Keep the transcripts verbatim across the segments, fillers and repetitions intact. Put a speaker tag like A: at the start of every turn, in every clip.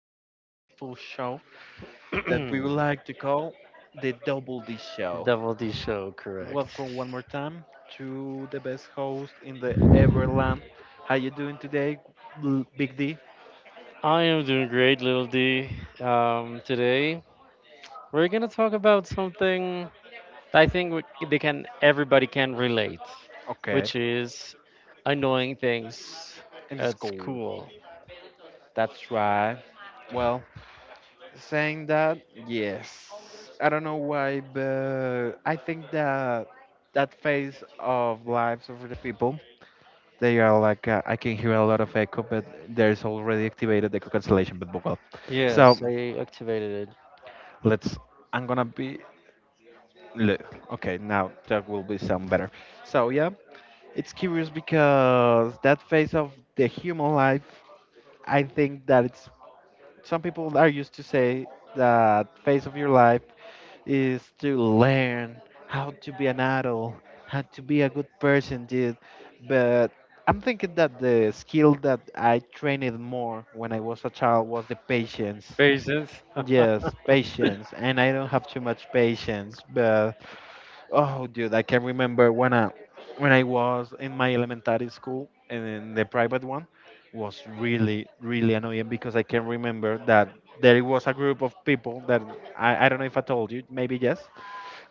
A: of this beautiful show that we would like to call the Double D Show.
B: Double D show, correct.
A: Welcome one more time to the best host in the Everland. How you doing today, L- Big D?
B: I am doing great, Little D. Um, today we're gonna talk about something that I think we- they can everybody can relate, which
A: Okay,
B: is annoying things
A: in the
B: at
A: school.
B: school.
A: That's right. Well, saying that, yes. I don't know why, but I think that that phase of lives of the people they are like uh, I can hear a lot of echo, but there's already activated echo cancellation. But well, so
B: Yes, I activated it.
A: let's. I'm gonna be. Le- Okay, now that will be sound better. So yeah, it's curious because that phase of the human life, I think that it's some people are used to say that phase of your life is to learn how to be an adult, how to be a good person, dude. But I'm thinking that the skill that I trained more when I was a child was the patience.
B: Patience.
A: Yes, patience. And I don't have too much patience, but oh, dude, I can remember when I when I was in my elementary school and in the private one was really really annoying because I can remember that there was a group of people that I, I don't know if I told you, maybe yes,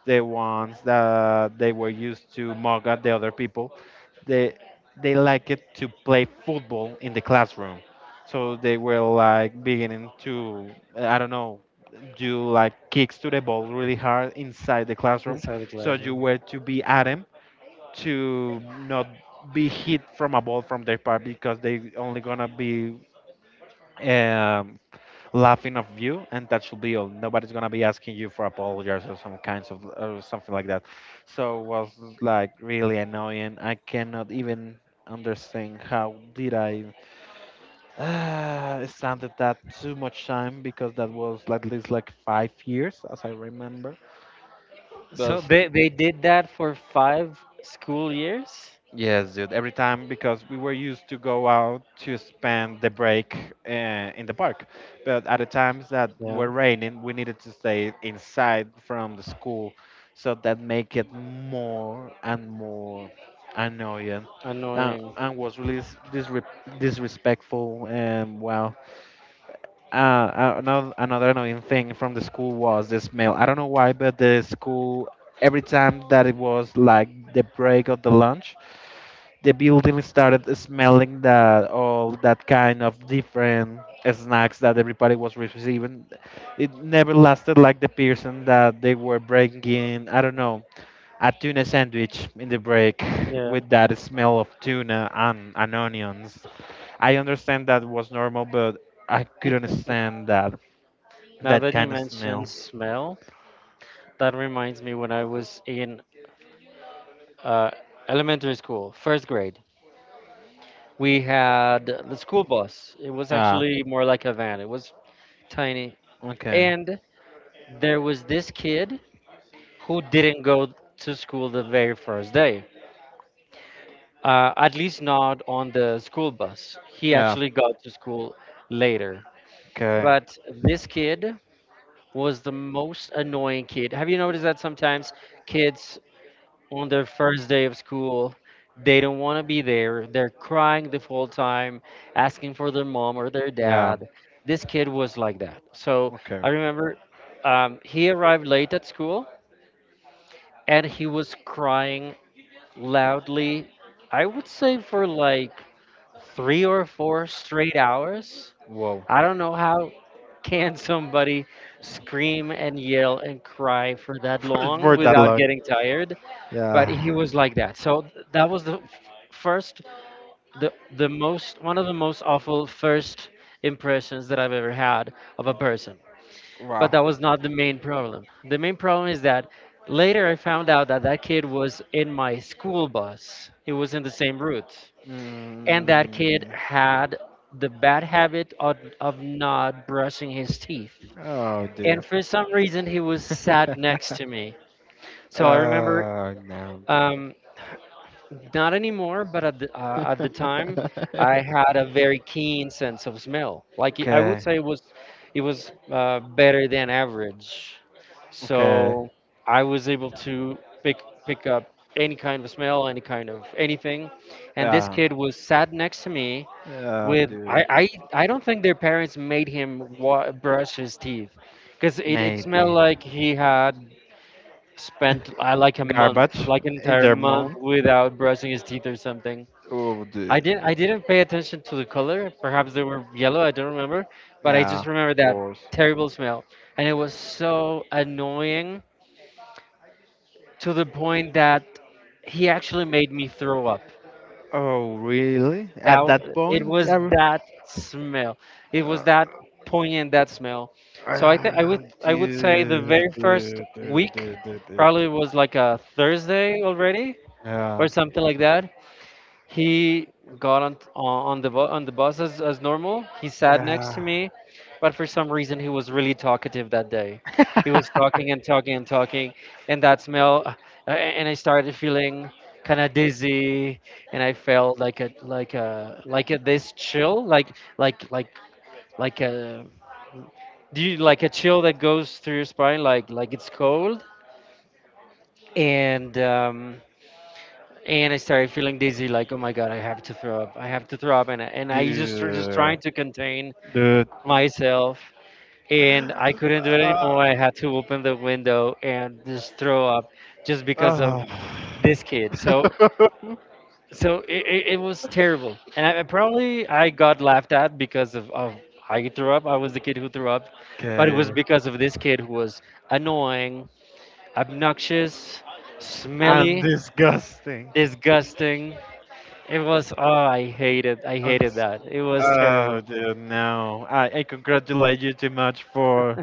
A: the ones that they were used to mock at the other people, they they like it to play football in the classroom. So they were like beginning to I don't know do like kicks to the ball really hard inside the classroom.
B: Inside the
A: So you
B: classroom.
A: were to be at them to not be hit from a ball from their part because they only gonna be um, laughing of you, and that should be all. Nobody's gonna be asking you for apologies or some kinds of or something like that. So it was like really annoying. I cannot even understand how did I uh, stand at that too much time because that was at least like five years as I remember. But
B: So they, they did that for five school years?
A: yes, dude. Every time because we were used to go out to spend the break uh, in the park, but at the times that
B: Yeah,
A: were raining, we needed to stay inside from the school, so that make it more and more annoying, uh,
B: annoying.
A: and was really dis- disre- disrespectful. And well, uh, uh, another another annoying thing from the school was the smell. I don't know why, but the school every time that it was like the break of the lunch, the building started smelling that all that kind of different snacks that everybody was receiving. It never lasted like the person that they were breaking. I don't know a tuna sandwich in the break
B: Yeah.
A: with that smell of tuna and, and onions. I understand that was normal, but I couldn't stand that.
B: Now
A: That
B: that you
A: kind of
B: mentioned
A: smell.
B: smell, that reminds me when I was in uh, elementary school, first grade, we had the school bus. It was
A: Ah,
B: actually more like a van, it was tiny.
A: okay.
B: And there was this kid who didn't go to school the very first day, uh, at least not on the school bus. He
A: Yeah.
B: actually got to school later.
A: Okay.
B: But this kid was the most annoying kid. Have you noticed that sometimes kids on their first day of school? They don't want to be there. They're crying the whole time, asking for their mom or their
A: Yeah.
B: dad. This kid was like that. So
A: Okay.
B: I remember um, he arrived late at school and he was crying loudly, I would say for like three or four straight hours.
A: Whoa.
B: I don't know how can somebody scream and yell and cry for that
A: For,
B: long
A: for that
B: without
A: long.
B: getting tired, but he
A: Yeah.
B: was like that. So th- that was the f- first, the the most, one of the most awful first impressions that I've ever had of a person. But
A: Wow.
B: that was not the main problem. The main problem is that later I found out that that kid was in my school bus. He was in the same route, and that kid
A: Mm.
B: had the bad habit of, of not brushing his teeth.
A: Oh dear.
B: And for some reason, he was sat next to me. So I remember,
A: oh no.
B: um, not anymore, but at the, uh, at the time, I had a very keen sense of smell. Like I would
A: okay.
B: say, it was it was uh, better than average.
A: Okay.
B: So I was able to pick pick up any kind of smell, any kind of anything. And this
A: Oh.
B: kid was sat next to me
A: Oh
B: with I
A: dude.
B: I, I don't think their parents made him wa- brush his teeth because it, it smelled
A: Maybe.
B: like he had spent uh, like a month,
A: Garbage
B: like an
A: in
B: entire
A: their
B: month
A: mouth.
B: without brushing his teeth or something.
A: Oh,
B: I
A: the
B: didn't I didn't pay attention to the color. Perhaps they were yellow, I don't remember, but I
A: yeah,
B: just remember
A: of
B: that
A: course.
B: terrible smell. And it was so annoying to the point that he actually made me throw up.
A: Oh, really? At that
B: That It
A: point,
B: was
A: I re-
B: that smell. It was
A: uh,
B: that poignant, that smell. So I think I
A: uh,
B: would I would say
A: dude,
B: the very first
A: dude, dude, dude,
B: week,
A: dude, dude.
B: probably was like a Thursday already or
A: Yeah,
B: something like that. He got on on the bu- on the bus as, as normal. He sat next to
A: yeah,
B: me, but for some reason he was really talkative that day. He was talking and talking and talking, and that smell, uh, a- and I started feeling kind of dizzy, and I felt like a like a like a this chill, like like like like a do you, like a chill that goes through your spine, like like it's cold, and um, and I started feeling dizzy, like, oh my god, I have to throw up, I have to throw up, and I- and I just started just trying
A: dude,
B: to contain
A: dude.
B: myself, and I couldn't do it anymore. I
A: Uh,
B: had to open the window and just throw up, just because of
A: Ah.
B: this kid. So so it, it, it was terrible, and I, I probably I got laughed at because of of I threw up. I was the kid who threw up, but it was
A: okay.
B: because of this kid who was annoying, obnoxious,
A: And
B: smelly,
A: disgusting.
B: disgusting. It was, oh, I hated, I
A: And
B: hated that. It was
A: oh
B: terrible.
A: dear, no. I, I congratulate you too much for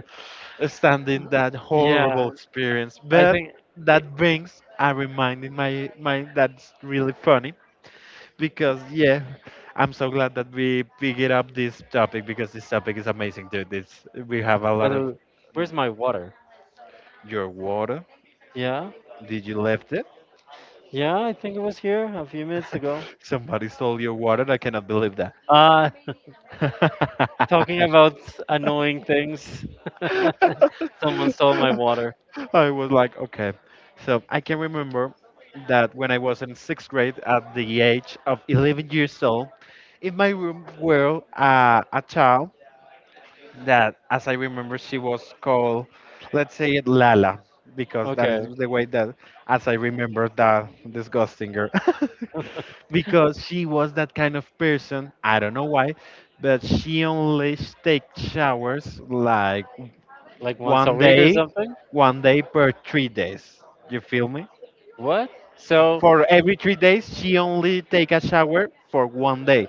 A: standing that
B: Yeah,
A: horrible experience.
B: I
A: But
B: think, it,
A: that brings a reminder in my mind that's really funny. Because yeah, I'm so glad that we figured up this topic because this topic is amazing, dude. It's we have a lot
B: but
A: of
B: it- where's my water?
A: your water.
B: Yeah,
A: Did you left it?
B: yeah, I think it was here a few minutes ago.
A: Somebody stole your water. I cannot believe that.
B: Uh, talking about annoying things. Someone stole my water.
A: I was like, okay. So I can remember that when I was in sixth grade at the age of eleven years old, in my room were uh, a child that, as I remember, she was called, let's say it Lala, because that is
B: Okay,
A: the way that, as I remember, that disgusting girl. Because she was that kind of person, I don't know why, but she only take showers like
B: like once a
A: one
B: week or
A: day,
B: something.
A: one day per three days. You feel me?
B: What? So,
A: For every three days, she only take a shower for one day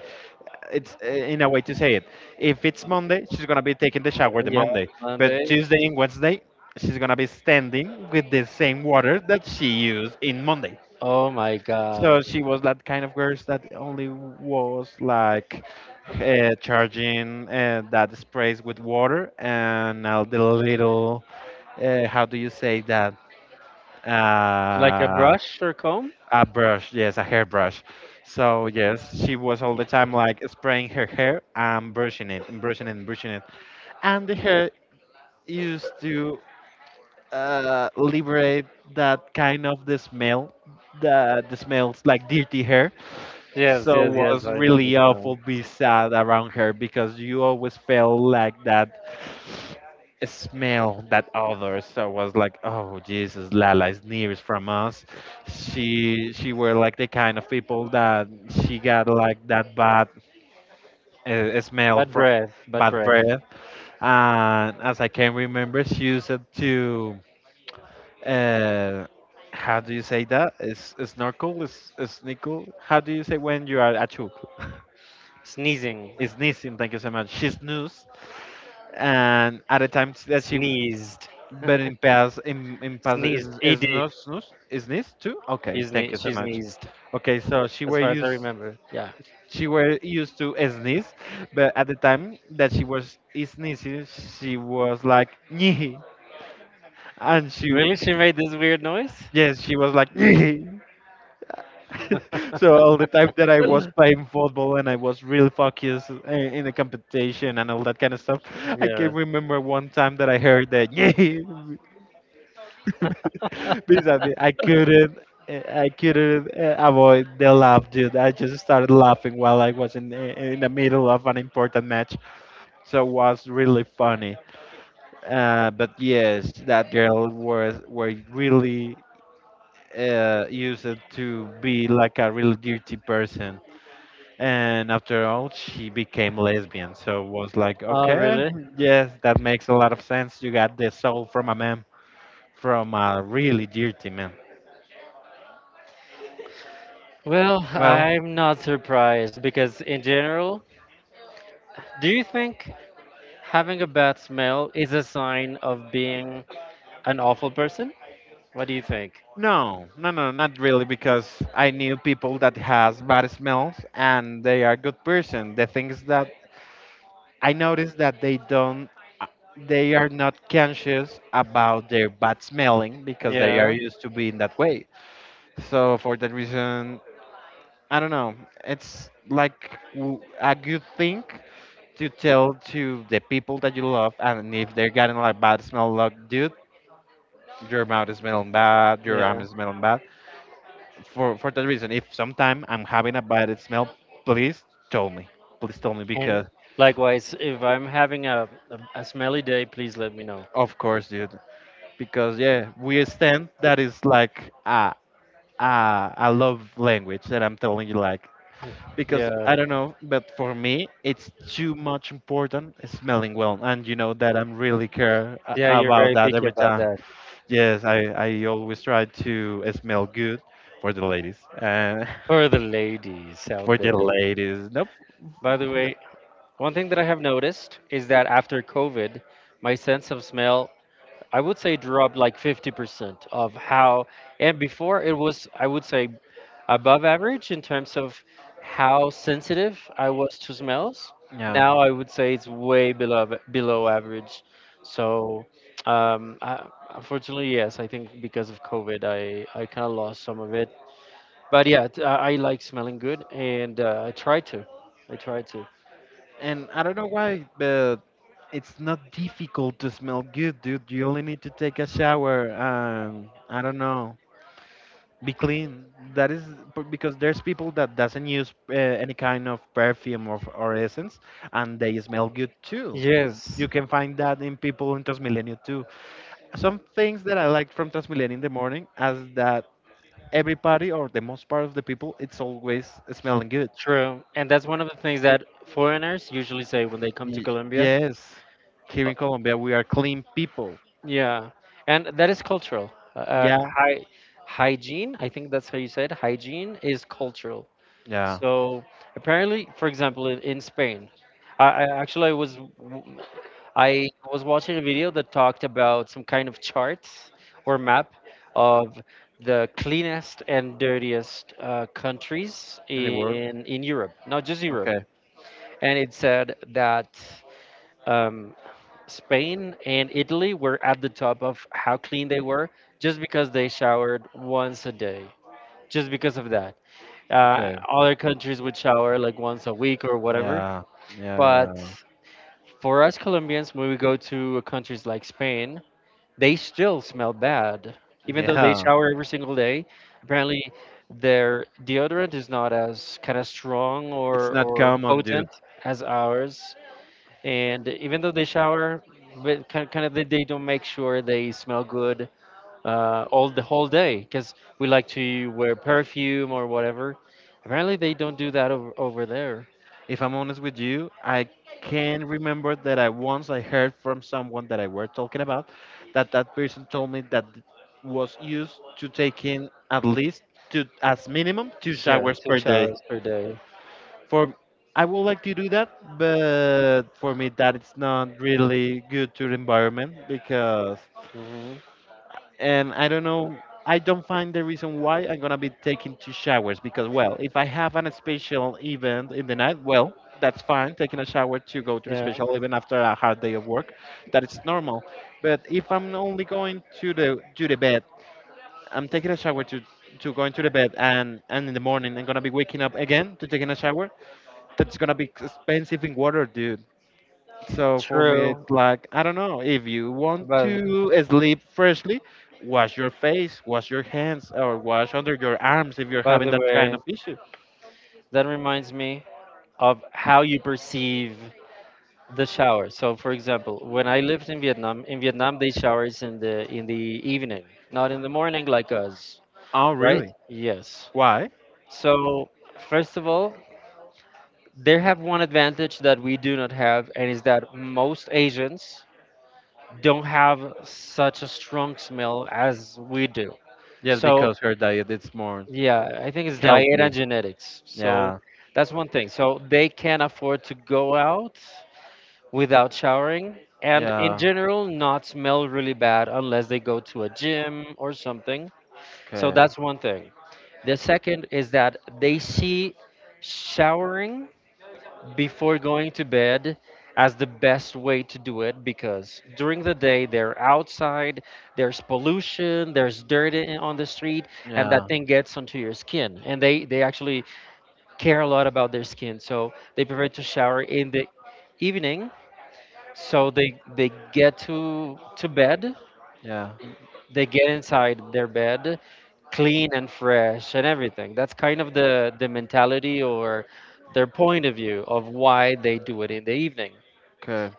A: it's uh, in a way to say it. If it's Monday, she's gonna be taking the shower
B: uh,
A: the
B: yeah,
A: Monday,
B: Monday.
A: but Tuesday and Wednesday, she's gonna be standing with the same water that she used in Monday.
B: Oh my God.
A: So she was that kind of girl that only was like uh, charging uh, that sprays with water and all the little uh, how do you say that
B: Like a
A: uh,
B: brush or comb?
A: a brush, yes, a hairbrush. So yes, she was all the time like spraying her hair and brushing it and brushing it and brushing it. And the hair used to uh, liberate that kind of the smell, the the smells like dirty hair.
B: Yes,
A: So
B: yes, yes,
A: was
B: I know
A: really
B: this.
A: awful be sad around her because you always felt like that smell that other. So was like, oh Jesus, Lala is nearest from us. She she were like the kind of people that she got like that bad uh, smell
B: Bad
A: from
B: breath, bad
A: bad
B: breath.
A: breath. And as I can remember, she used it to. Uh, how do you say that? Is snorkel? Is snickle? How do you say when you are a chook?
B: Sneezing,
A: Is Nissim, thank you so much. She's news, and at the time that she
B: sneezed,
A: but in past in, in past
B: sneezed.
A: is is
B: Ed,
A: not snus is this too?
B: she,
A: Okay, thank
B: sne-
A: you so
B: she
A: much.
B: sneezed.
A: Okay, so she
B: As
A: were
B: far as I
A: used
B: remember, yeah.
A: she were used to sneeze, but at the time that she was sneezing, she was like "Nyeh," and she
B: Really, she made this weird noise.
A: yes she was like "Nyeh." So all the time that I was playing football and I was real focused i- in the competition and all that kind of stuff, I
B: Yeah.
A: can remember one time that I heard that yeah, basically I couldn't. uh, I couldn't uh, avoid the laugh, dude. I just started laughing while I was in eh, in the middle of an important match, so it was really funny. Uh, but yes, that girl was were really uh, used to be like a really dirty person. And after all she became lesbian so was like
B: Oh,
A: okay
B: really?
A: yes that makes a lot of sense you got the soul from a man from a really dirty man
B: Well,
A: well
B: I'm not surprised because in general, do you think having a bad smell is a sign of being an awful person? What do you think?
A: no no no not really because I knew people that has bad smells and they are good person the thing is that I noticed that they don't they are not conscious about their bad smelling because they are
B: Yeah,
A: used to being that way so for that reason I don't know. It's like w- a good thing to tell to the people that you love, and if they're getting like bad smell, like dude, your mouth is smelling bad, your arm
B: yeah.
A: is smelling bad. For for that reason, if sometime I'm having a bad smell, please tell me, please tell me
B: And
A: because
B: likewise, if I'm having a, a, a smelly day, please let me know.
A: of course, dude, because yeah, we stand that is like a a a love language that I'm telling you like because
B: Yeah,
A: I don't know, but for me, it's too much important smelling well, and you know that I'm really care a-
B: yeah, you're
A: about
B: very
A: that
B: picky
A: every
B: about
A: time.
B: that.
A: Yes, I I always try to smell good for the ladies, uh,
B: For the ladies
A: for
B: out
A: the
B: there.
A: ladies. Nope,
B: By the
A: no,
B: way, one thing that I have noticed is that after COVID, my sense of smell, I would say, dropped like fifty percent of how, and before it was, I would say, above average in terms of how sensitive I was to smells.
A: no.
B: Now I would say it's way below below average. So um, I, unfortunately, yes, I think because of COVID, I I kind of lost some of it. But yeah, t- I I like smelling good, and uh, I try to, I try to.
A: And I don't know why, but it's not difficult to smell good, dude. You only need to take a shower. Um, I don't know. Be clean that is b- because there's people that doesn't use uh, any kind of perfume or, or essence and they smell good too.
B: Yes,
A: You can find that in people in transmilenio too. Some things that I like from transmilenio in the morning as that everybody or the most part of the people it's always smelling good.
B: true, and that's one of the things that foreigners usually say when they come to
A: Y-
B: Colombia.
A: yes here in colombia we are clean people.
B: Yeah, and that is cultural. Uh, uh,
A: Yeah,
B: hy Hygiene, I think that's how you said, hygiene is cultural.
A: yeah,
B: So apparently, for example, in, in Spain, I, I actually I was w- I was watching a video that talked about some kind of chart or map of the cleanest and dirtiest uh, countries
A: in the world.
B: in in Europe, not just Europe,
A: Okay.
B: and it said that. Um, Spain and Italy were at the top of how clean they were, just because they showered once a day. Just because of that. Uh,
A: Okay.
B: other countries would shower like once a week or whatever.
A: Yeah, yeah.
B: But for us Colombians, when we go to countries like Spain, they still smell bad.
A: Yeah,
B: Even though they
A: yeah.
B: shower every single day, apparently their deodorant is not as kind of strong
A: It's
B: or,
A: not
B: or
A: common, dude.
B: potent as ours, and even though they shower but kind kind of they, they don't make sure they smell good uh, all the whole day because we like to wear perfume or whatever. Apparently they don't do that over, over there.
A: If I'm honest with you, I can remember that I once I heard from someone that I were talking about that that person told me that th- was used to taking at least two as minimum two
B: Yeah,
A: showers
B: two
A: per day.
B: showers per day.
A: For I would like to do that, but for me that it's not really good to the environment because
B: Hmm.
A: and I don't know. I don't find the reason why I'm gonna be taking two showers because, well, if I have an special event in the night, well, that's fine. Taking a shower to go to the
B: Yeah,
A: special event after a hard day of work, that is normal. But if I'm only going to the to the bed, I'm taking a shower to to going to the bed, and and in the morning I'm gonna be waking up again to taking a shower. That's gonna be expensive in water, dude. So for me,
B: true,
A: it's like, I don't know, if you want
B: but
A: to sleep freshly, wash your face, wash your hands, or wash under your arms if you're
B: by
A: having
B: the
A: that kind
B: way,
A: of issue.
B: that reminds me of how you perceive the shower. So for example, when I lived in Vietnam, in Vietnam they showers in the in the evening, not in the morning like us.
A: Oh,
B: Right?
A: really?
B: Yes.
A: Why?
B: So, first of all, they have one advantage that we do not have, and is that most Asians don't have such a strong smell as we do.
A: Just
B: So,
A: because her diet is more
B: yeah, I think it's diet and
A: healthy.
B: genetics. So,
A: Yeah.
B: that's one thing. So, they can afford to go out without showering and, in
A: Yeah.
B: general, not smell really bad unless they go to a gym or something. So
A: Okay.
B: that's one thing. The second is that they see showering before going to bed as the best way to do it because during the day they're outside, there's pollution, there's dirt in- on the street, and that
A: Yeah.
B: thing gets onto your skin. And they, they actually care a lot about their skin, so they prefer to shower in the evening, so they they get to to bed,
A: Yeah.
B: they get inside their bed clean and fresh and everything. That's kind of the the mentality or their point of view of why they do it in the evening.
A: Okay.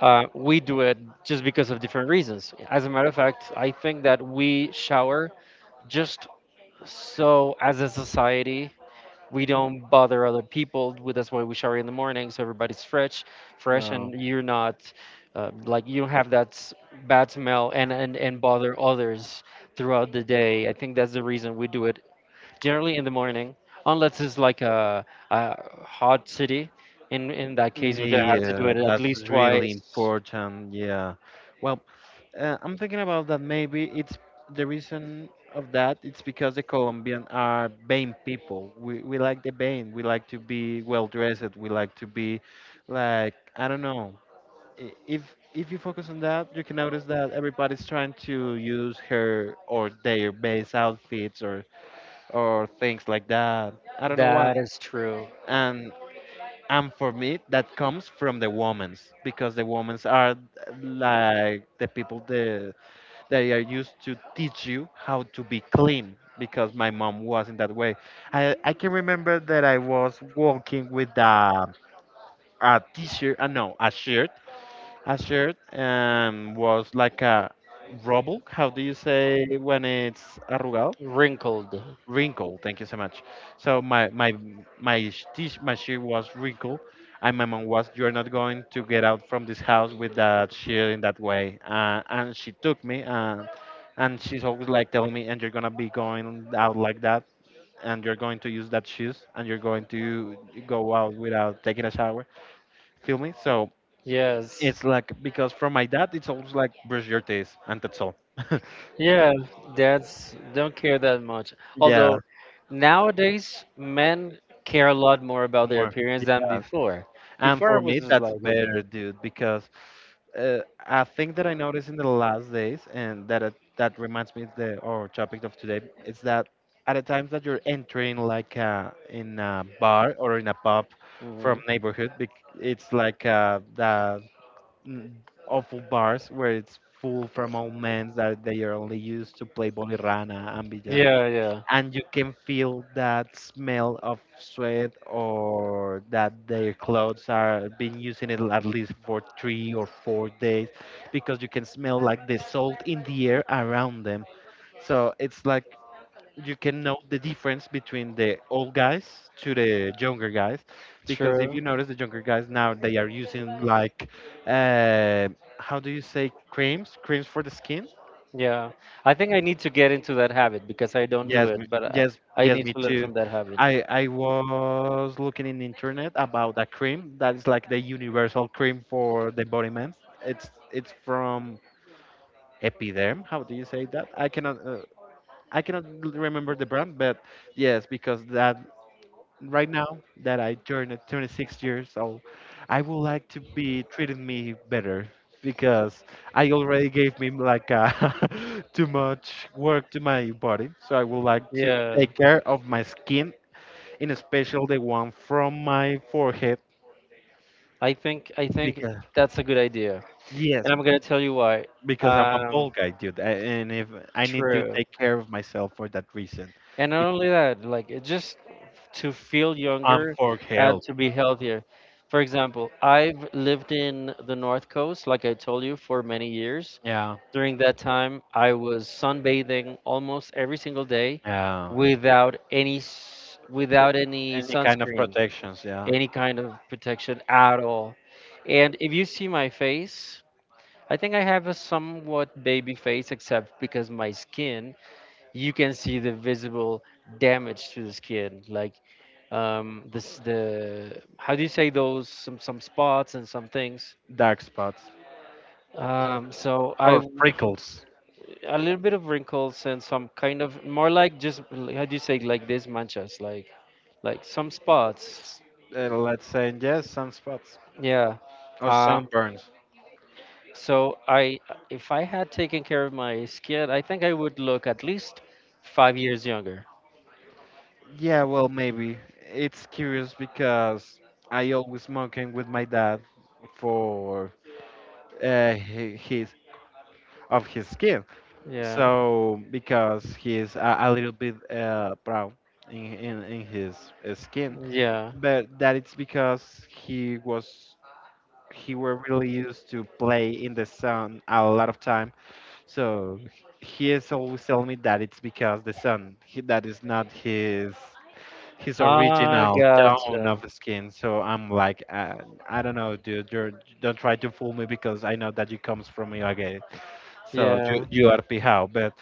B: Uh, we do it just because of different reasons. As a matter of fact, I think that we shower just so as a society we don't bother other people. We- That's why we shower in the morning, so everybody's fresh, fresh,
A: Well.
B: and you're not uh, like you don't have that s- bad smell and, and and bother others throughout the day. I think that's the reason we do it generally in the morning, unless it's like a, a hot city. In in that case, you're gonna have to do
A: Yeah,
B: it at
A: that's
B: least
A: really
B: twice.
A: important. Yeah. Well, Uh, I'm thinking about that maybe it's the reason of that it's because the Colombian are vain people. We we like the vain. We like to be well dressed. We like to be like I don't know. I- If if you focus on that, you can notice that everybody's trying to use her or their base outfits or or things like that. I don't know why.
B: That is true.
A: And and for me, that comes from the women's because the women's are like the people the they are used to teach you how to be clean because my mom was in that way. I, I can remember that I was walking with a, a t-shirt, uh, no, a shirt. A shirt um, was like a rubble. How do you say when it's arrugado?
B: Wrinkled.
A: Wrinkle. Thank you so much. So my my my sh- t- my shirt was wrinkled, and my mom was, "You're not going to get out from this house with that shirt in that way." Uh, and she took me, and and she's always like telling me, "And you're gonna be going out like that, and you're going to use that shoes, and you're going to go out without taking a shower." Feel me? So
B: Yes.
A: it's like because from my dad, it's always like brush your teeth, and that's all.
B: Yeah, dads don't care that much.
A: Yeah,
B: Although nowadays men care a lot more about their
A: more.
B: appearance than
A: Yes.
B: before.
A: And
B: Before I
A: for
B: was
A: me,
B: just
A: that's
B: like, okay.
A: better, dude, because Uh, a thing that I noticed in the last days, and that it- that reminds me of the our topic of today, is that at the times that you're entering like uh, in a bar or in a pub from
B: Hmm.
A: neighborhood, bec- it's like uh, the mm, awful bars where it's full from old men that they are only used to play bolirrana and billar,
B: Yeah, yeah,
A: and you can feel that smell of sweat or that their clothes are been using it at least for three or four days because you can smell like the salt in the air around them, so it's like you can know the difference between the old guys to the younger guys because if
B: true.
A: you notice the younger guys now they are using like uh, how do you say creams creams for the skin.
B: Yeah, I think I need to get into that habit because I don't do
A: Yes,
B: it,
A: me-
B: but I,
A: yes,
B: I
A: yes,
B: need
A: me
B: to learn
A: too.
B: from that habit.
A: I I was looking in the internet about a cream that is like the universal cream for the body man. It's it's from Epiderm. How do you say that? I cannot uh, I cannot l- remember the brand, but yes, because that right now that I turned twenty-six years old, I would like to be treating me better because I already gave me like uh, too much work to my body. So I would like to
B: Yeah,
A: take care of my skin, in especial the one from my forehead,
B: I think I think
A: because
B: that's a good idea,
A: yes,
B: and I'm gonna tell you why.
A: because I'm a
B: Um,
A: bald guy, dude, a- and if I need to
B: true.
A: take care of myself for that reason,
B: And not
A: Be-
B: only that, like it just to feel
A: I'm
B: younger
A: for
B: and
A: health.
B: to be healthier. For example, I've lived in the North Coast, like I told you, for many years.
A: Yeah.
B: During that time, I was sunbathing almost every single day
A: Yeah.
B: without any s- without any
A: Any kind of
B: sunscreen,
A: protections, yeah.
B: any kind of protection at all. And if you see my face, I think I have a somewhat baby face, except because my skin, you can see the visible damage to the skin, like, um this the how do you say, those, some some spots and some things.
A: Dark spots
B: um so i
A: or
B: w-
A: freckles.
B: a little bit of wrinkles and some kind of, more like, just l- how do you say, like these manchas, like like some spots,
A: S- uh, let's say yes, sunspots
B: yeah.
A: or
B: uh
A: sunburns.
B: so I If I had taken care of my skin, I think I would look at least five years younger.
A: Yeah, well, maybe. It's curious because I always smoking with my dad for uh, hi- his of his skin.
B: Yeah,
A: So because he's a, a little bit uh, brown in, in in his uh, skin,
B: yeah.
A: but that it's because he was he were really used to play in the sun a lot of time. So he is always telling me that it's because the sun he, that is not his his
B: Ah,
A: original tone of
B: gotcha.
A: skin. So I'm like, uh, I don't know, dude. You're, don't try to fool me because I know that you comes from Ibagué. So you
B: Yeah,
A: you are pijao. But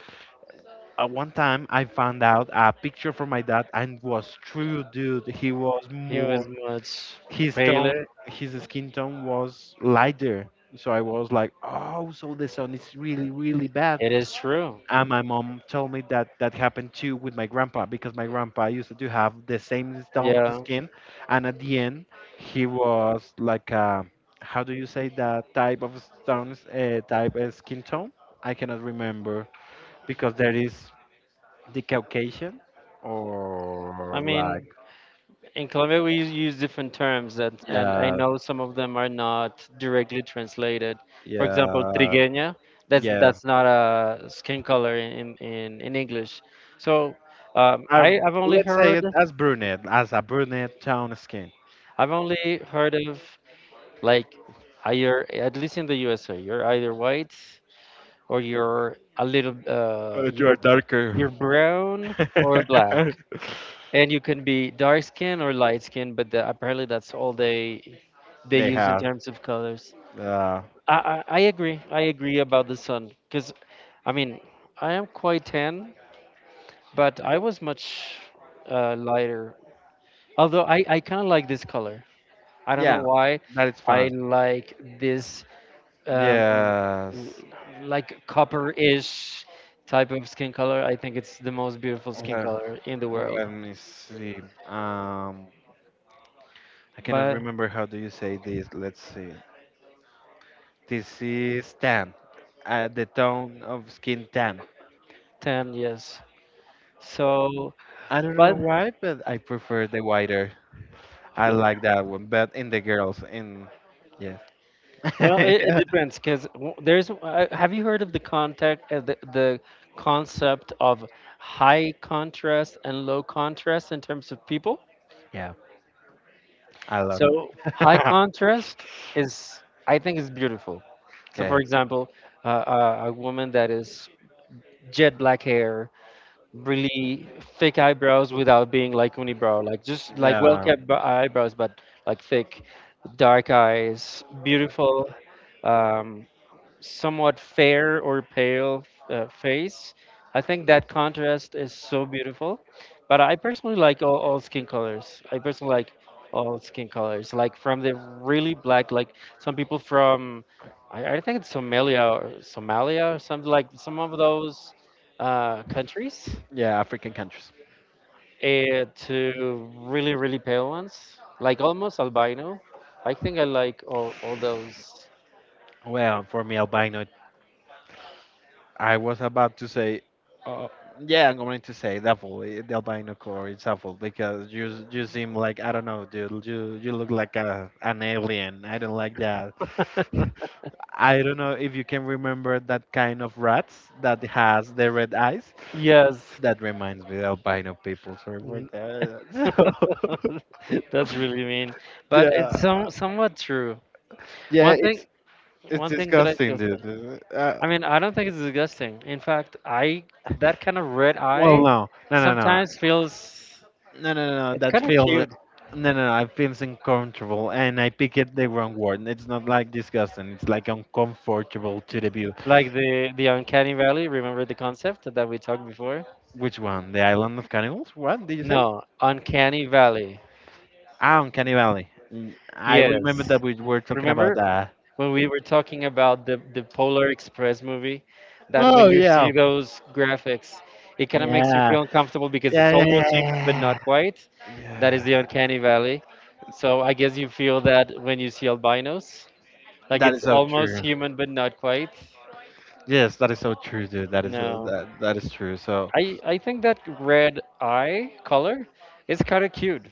A: uh, one time I found out a picture from my dad and was true, dude. He was
B: he
A: more
B: was much
A: his tone
B: paler.
A: his skin tone was lighter, so I was like, oh, so the sun is really really bad.
B: It is true.
A: And my mom told me that that happened too with my grandpa because my grandpa used to have the same tone of
B: Yeah.
A: skin, and at the end he was like uh, how do you say that type of stones, uh, type of skin tone, I cannot remember because there is the Caucasian or
B: I
A: like,
B: mean, in Colombia, we use different terms, that, and I
A: yeah,
B: know some of them are not directly translated. For example,
A: yeah,
B: trigueña, that's,
A: yeah,
B: that's not a skin color in, in, in English. So, um,
A: I,
B: I, I've only
A: let's say
B: heard,
A: it as brunette, as a brunette tone skin.
B: I've only heard of, like, uh, you're, at least in the U S A, you're either white or you're a little, uh,
A: But you are
B: you're
A: darker.
B: You're brown or black, and you can be dark skin or light skin, but the, apparently that's all they they
A: They
B: use in
A: have.
B: terms of colors.
A: Uh,
B: I I, I agree. I agree about the sun because, I mean, I am quite tan, but I was much uh, lighter. Although I I kind of like this color. I don't know
A: yeah,
B: why.
A: that is
B: I
A: fun.
B: like this, um,
A: Yes.
B: like copper-ish type of skin color. I think it's the most beautiful skin
A: le-
B: color in the
A: Let
B: world.
A: me see. Um, I cannot
B: But
A: remember how do you say this. Let's see. This is tan. Uh, the tone of skin tan.
B: ten years. So,
A: I don't know
B: but,
A: why, but I prefer the whiter. I like that one. But in the girls, in yes.
B: well, it, it depends because there's. Uh, have you heard of the contact, uh, the the concept of high contrast and low contrast in terms of people?
A: Yeah. A lot.
B: So high contrast is, I think, is beautiful. So, for
A: Okay.
B: example, uh, uh, a woman that is jet black hair, really thick eyebrows without being like unibrow, like just like well
A: Yeah.
B: kept eyebrows, but like thick, dark eyes, beautiful, um, somewhat fair or pale, uh, face. I think that contrast is so beautiful. But I personally like all, all skin colors. I personally like all skin colors, like from the really black, like some people from. I, I think it's Somalia or Somalia or something, like some of those uh, countries,
A: Yeah, African countries.
B: uh, to really, really pale ones, like almost albino. I think I like all, all those.
A: Well, for me, albino, I was about to say, uh, yeah, I'm going to say definitely the albino color is awful because you you seem like I don't know, dude. You you look like a an alien. I don't like that. I don't know if you can remember that kind of rats that has the red eyes.
B: Yes.
A: That reminds me of albino people. Sorry for
B: Mm.
A: that. So,
B: That's really mean, but
A: yeah,
B: it's some somewhat true.
A: yeah,
B: One thing,
A: it's It's
B: one thing that I feel
A: disgusting,
B: sad.
A: dude. Uh,
B: I mean, I don't think it's disgusting. In fact, I that kind of red
A: well,
B: eye
A: no, no, no, no,
B: sometimes feels
A: no, no, no, no,
B: it's
A: that
B: kind of
A: feels, uh,
B: cute,
A: no, no, no. I feels uncomfortable, and I pick it the wrong word. It's not like disgusting. It's like uncomfortable to the view.
B: like the the uncanny valley. Remember the concept that we talked before?
A: Which one? The island of cannibals? What did you say?
B: No, uncanny valley.
A: Ah, Uncanny Valley. Mm, I remember
B: Yes.
A: that we were talking about
B: Remember
A: that.
B: when we were talking about the, the Polar Express movie? That when
A: Oh
B: you
A: yeah,
B: see those graphics, it kind of makes you
A: yeah,
B: feel uncomfortable because it's
A: yeah, yeah, yeah,
B: almost human, but
A: yeah.
B: not quite. That is
A: Yeah.
B: the uncanny valley. So I guess you feel that when you see albinos, like
A: That is
B: it's
A: so
B: almost
A: true.
B: human, but not quite.
A: Yes, that is so true, dude. That is uh,
B: No.
A: that that is true. So,
B: I I think that red eye color is kind of cute,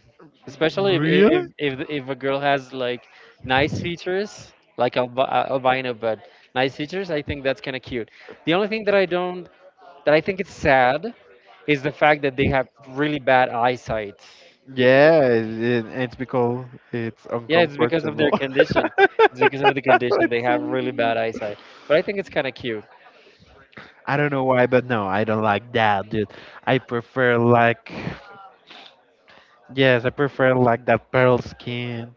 B: especially if if
A: really?
B: if if a girl has, like, nice features, like alb uh, albino, but nice features. I think that's kind of cute. The only thing that I don't that I think it's sad is the fact that they have really bad eyesight.
A: Yeah, it, it's because it's
B: Yeah, it's because of
A: uncomfortable.
B: their condition. It's because of the condition, they
A: Let's say
B: have really bad eyesight. But I think it's kind of cute.
A: I don't know why, but no, I don't like that, dude. I prefer like, yes, I prefer like that pearl skin.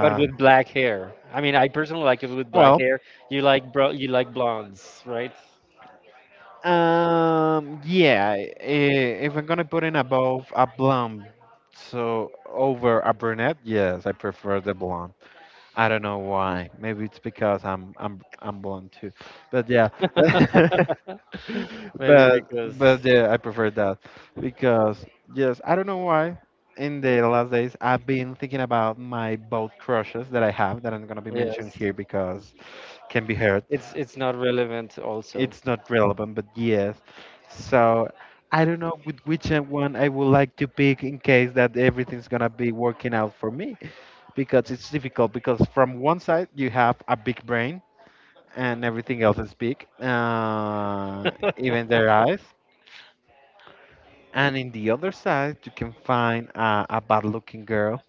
B: But with black hair, I mean, I personally like it with black
A: well,
B: hair. You like bro, you like blondes, right?
A: um, yeah. i- If I'm gonna put in above a blonde, so over a brunette, yes, I prefer the blonde. I don't know why. Maybe it's because I'm I'm I'm blonde too, but yeah.
B: Maybe
A: but
B: because
A: but yeah, I prefer that because yes, I don't know why. In the last days, I've been thinking about my boat crushes that I have that I'm gonna be mentioning
B: yes,
A: here because can be heard.
B: it's it's not relevant also.
A: It's not relevant, but yes. So I don't know with which one I would like to pick in case that everything's gonna be working out for me because it's difficult because from one side you have a big brain and everything else is big, uh, even their eyes. And in the other side, you can find uh, a bad-looking girl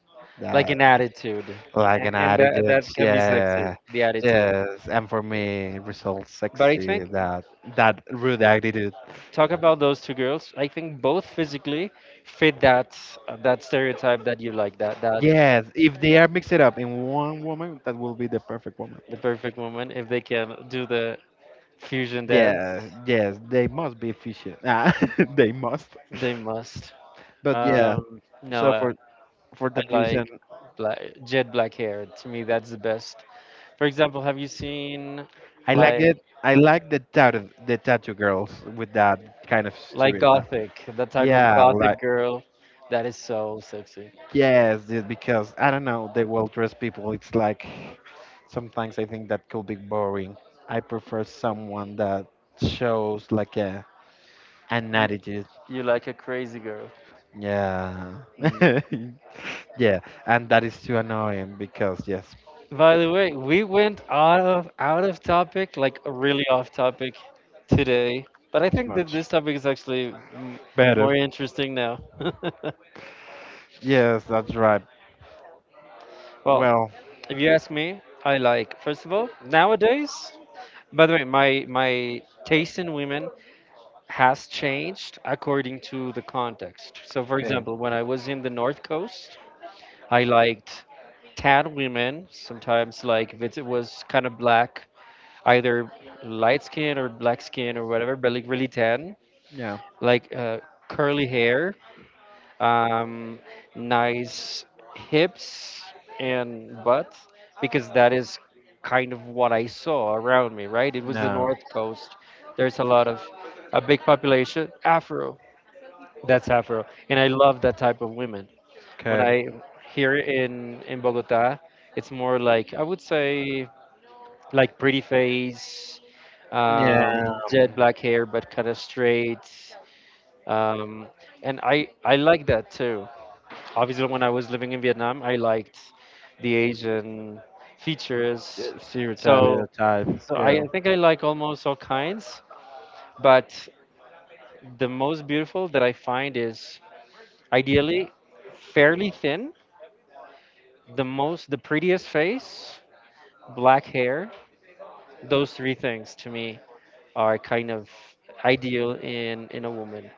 B: Like
A: that
B: an attitude,
A: like
B: and,
A: an
B: and
A: addict.
B: that
A: that's-
B: that can be sexy,
A: Yeah,
B: the attitude.
A: yes. And for me, results
B: But I
A: sexy.
B: think
A: That that rude attitude.
B: talk about those two girls. I think both physically fit that, uh, that stereotype that you like, that that
A: Yes, if they are mixed up in one woman, that will be the perfect woman.
B: the perfect woman if they can do the fusion dance.
A: Yeah, yes, they must be efficient. Ah, they must.
B: They must.
A: But yeah,
B: Um, no,
A: so
B: I
A: for for that
B: like
A: reason,
B: black, jet black hair. To me, that's the best. For example, have you seen,
A: I like
B: like
A: it. I like the tattoo the tattoo girls with that kind of
B: like
A: stereotype.
B: gothic, the type of
A: Yeah, like.
B: gothic girl that is so sexy?
A: Yes, just because I don't know, the well-dressed people, it's like sometimes I think that could be boring. I prefer someone that shows like a an
B: You,
A: attitude.
B: you like a crazy girl.
A: Yeah.
B: Mm.
A: Yeah, and that is too annoying because yes,
B: By the way, we went out of out of topic, like really off topic today. But I
A: it's
B: think that
A: much
B: this topic is actually, mm,
A: better.
B: more interesting now.
A: Yes, that's right.
B: Well,
A: Well,
B: if you ask me, I like first of all nowadays. By the way, my my taste in women has changed according to the context. So, for
A: okay.
B: example, when I was in the North Coast, I liked tan women. Sometimes, like, if it was kind of black, either light skin or black skin or whatever, but like really tan,
A: Yeah.
B: like, uh, curly hair, um, nice hips and butt, because that is kind of what I saw around me, right? It was the
A: Yeah.
B: North Coast. There's a lot of, a big population Afro. That's Afro, and I love that type of women. When
A: Okay.
B: I here, in in Bogota, it's more like I would say, like, pretty face,
A: Yeah,
B: um, jet
A: um,
B: black hair, but kind of straight. Um, and I I like that too. Obviously, when I was living in Vietnam, I liked the Asian
A: t-
B: features.
A: stereotype, yeah,
B: So,
A: type
B: so I I
A: girl.
B: think I like almost all kinds, but the most beautiful that I find is ideally fairly thin, the most, the prettiest face, black hair. Those three things to me are kind of ideal in in a woman.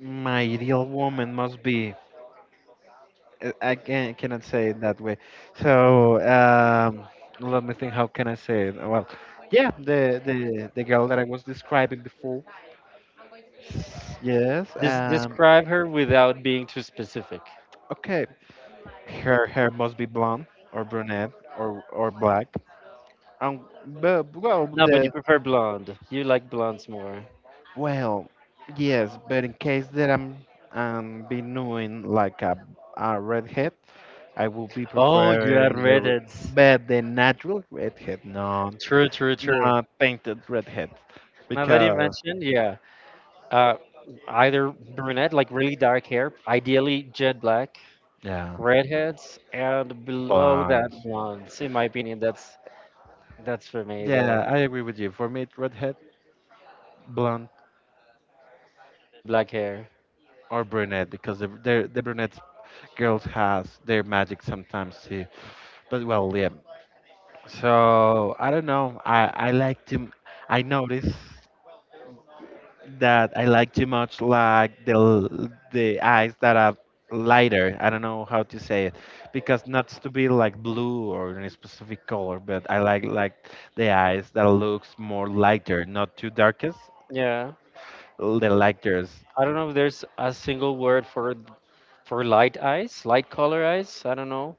A: My ideal woman must be. I I can't, cannot say it that way. So um, let me think. How can I say it? Well, yeah, the the the girl that I was describing before. S- Yes.
B: Des-
A: Um.
B: describe her without being too specific.
A: Okay. Her hair must be blonde or brunette or or black. Um. But well,
B: No, but you
A: the
B: prefer blonde. You like blondes more.
A: Well, yes, but in case that I'm um be known like a, a redhead, I will be
B: Oh, you are
A: preferring the r-
B: redheads.
A: but the natural redhead, no,
B: True, true, true.
A: not painted redhead,
B: Now that you
A: because
B: mentioned, yeah, uh, either brunette, like really dark hair, ideally jet black,
A: yeah,
B: redheads, and below that
A: blonde.
B: blondes. In my opinion, that's that's for me
A: Yeah,
B: there.
A: I agree with you. For me, it's redhead, blonde,
B: And then black hair.
A: or brunette because the the, the brunette girls has their magic sometimes too. But well, yeah. So I don't know. I I like to. I notice that I like too much, like the l- the eyes that are lighter. I don't know how to say it, because not to be like blue or any specific color, but I like like the eyes that looks more lighter, not too darkest,
B: Yeah,
A: the lightest.
B: I don't know if there's a single word for, for light eyes, light color eyes. I don't know,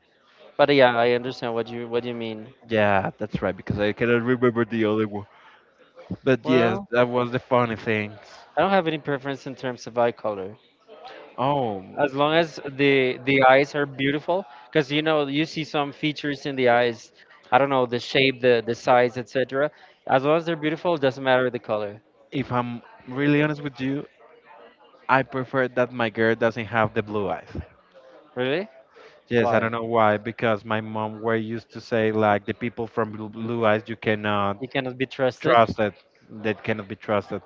B: but yeah, I understand what you what you mean.
A: Yeah, that's right, because I cannot remember the other one. But yes,
B: Well,
A: that was the funny things.
B: I don't have any preference in terms of eye color,
A: Oh,
B: as long as the the eyes are beautiful, because you know you see some features in the eyes. I don't know, the shape, the the size, etc. As long as they're beautiful, it doesn't matter the color.
A: if I'm really honest with you, I prefer that my girl doesn't have the blue eyes.
B: Really?
A: Yes, I
B: Why?
A: don't know why, because my mom were used to say like the people from Blue Blue Eyes you cannot
B: You cannot be trusted.
A: trust that that cannot be trusted.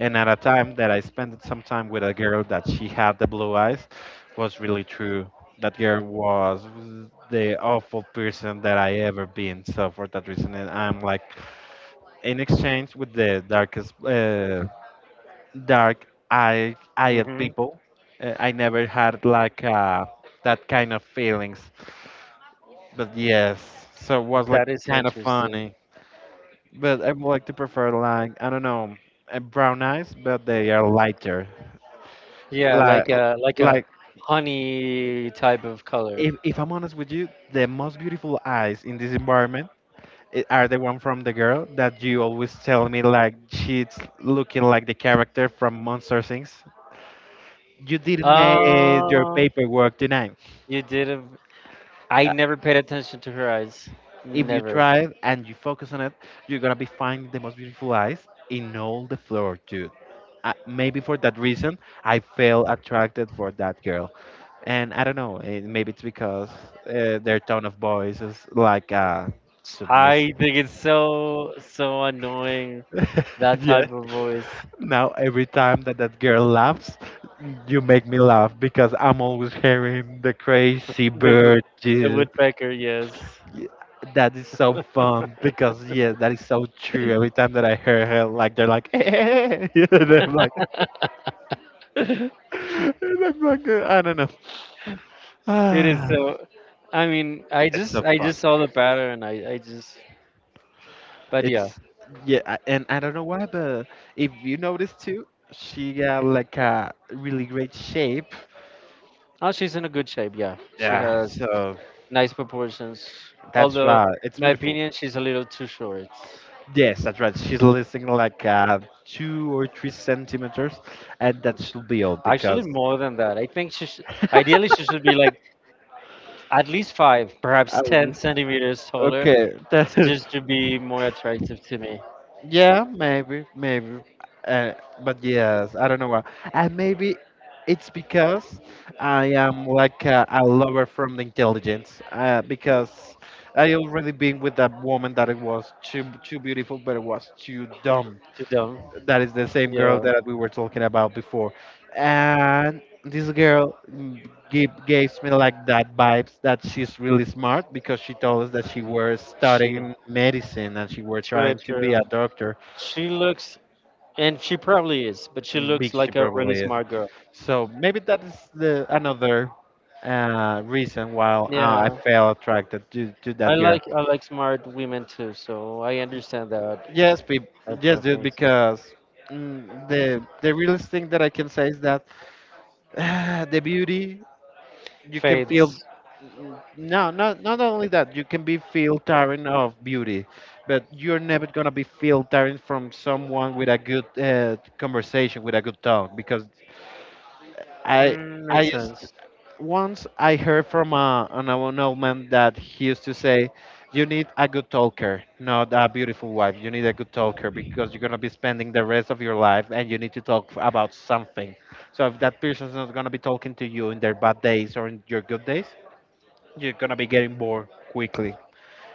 A: And at a time that I spent some time with a girl that she had the blue eyes was really true. That girl was the awful person that I ever been. So for that reason, and I'm like in exchange with the darkest uh, dark eye eyed
B: Hmm.
A: people. Uh, I never had like uh, that kind of feelings. But yes, so it was like
B: That is
A: kind of
B: interesting.
A: funny. But I would like to prefer like I don't know, uh, brown eyes, but they are lighter.
B: Yeah,
A: Like
B: like a like a
A: like
B: honey type of color.
A: if if I'm honest with you, the most beautiful eyes in this environment i- are the one from the girl that you always tell me like she's looking like the character from Monster Things. You didn't make your
B: Uh
A: paperwork tonight.
B: you didn't I never paid attention to her eyes.
A: If you
B: Never.
A: drive and you focus on it, you're gonna be finding the most beautiful eyes in all the floor, dude. Uh, maybe for that reason, I feel attracted for that girl, and I don't know. eh, Maybe it's because uh, their tone of voice is like uh,
B: I
A: submissive.
B: think it's so, so annoying, that
A: Yeah.
B: type of voice.
A: Now every time that that girl laughs, you make me laugh because I'm always hearing the crazy
B: The wo-
A: bird.
B: the woodpecker, yes.
A: Yeah, that is so fun because yeah, that is so true. Every time that I hear her, like they're like, eh, and I'm like, and I'm like, uh, I don't know.
B: It is
A: Ah,
B: so. I mean, I
A: it's
B: just
A: so
B: I
A: fun.
B: just saw the pattern. I I just. But
A: It's
B: yeah.
A: yeah, I- and I don't know why, but if you notice too, she got like a really great shape.
B: Oh, she's in a good shape. Yeah, she
A: Yeah,
B: has
A: so
B: nice proportions.
A: that's
B: Although,
A: right. It's
B: my
A: beautiful.
B: opinion, she's a little too short.
A: Yes, that's right. She's losing like uh, two or three centimeters, and that should be all
B: Actually,
A: because
B: more than that. I think she should, ideally she should be like at least five,
A: I
B: perhaps ten
A: was
B: centimeters taller,
A: okay.
B: just to be more attractive to me,
A: Yeah, maybe, maybe. Uh, but yes, I don't know why. And maybe it's because I am like a, a lover from the intelligence. Uh, because I already been with that woman that it was too too beautiful, but it was too dumb.
B: to them.
A: That is the same girl
B: Yeah,
A: that we were talking about before. And this girl mm, give, gives me like that vibes that she's really smart because she told us that she was
B: she.
A: studying medicine and she were
B: True,
A: trying to be a
B: true.
A: doctor.
B: She looks, and she probably is, but she
A: And
B: looks
A: big she
B: like a really
A: probably is.
B: smart girl.
A: So maybe that is the another uh, reason why uh, I
B: Yeah,
A: felt attracted to, to
B: I
A: that girl.
B: like I like smart women too, so I understand that,
A: Yes, peop
B: that
A: yes, dude,
B: preference.
A: because mm, the the realest thing that I can say is that the beauty you can feel
B: Fades.
A: n- no not not only that you can be filtering of beauty, but you're never gonna be filtering from someone with a good uh, conversation with a good talk. Because i
B: Mm,
A: i
B: makes
A: used,
B: sense.
A: once I heard from a, an old old man that he used to say you need a good talker, not a beautiful wife. You need a good talker because you're gonna be spending the rest of your life, and you need to talk about something. So if that person's not gonna be talking to you in their bad days or in your good days, you're gonna be getting bored quickly,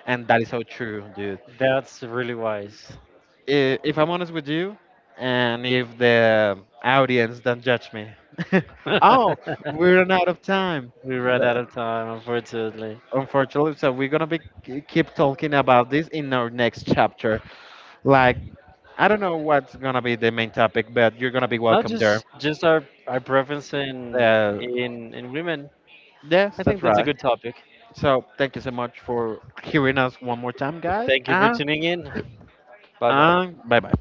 A: and that is so true, dude.
B: That's really wise.
A: I- If I'm honest with you, and if the audience don't judge me,
B: We
A: oh, we're run out of time.
B: ran
A: Uh,
B: out of time, unfortunately.
A: Unfortunately, so we're gonna be keep talking about this in our next chapter. Like, I don't know what's gonna be the main topic, but you're gonna be
B: Not
A: welcome there.
B: just just our our preference in
A: Uh,
B: in in women.
A: yes,
B: I
A: that's
B: think that's a
A: right.
B: good topic.
A: So, thank you so much for hearing us one more time, guys.
B: Thank you for
A: Ah,
B: tuning in. Bye bye.
A: and bye bye.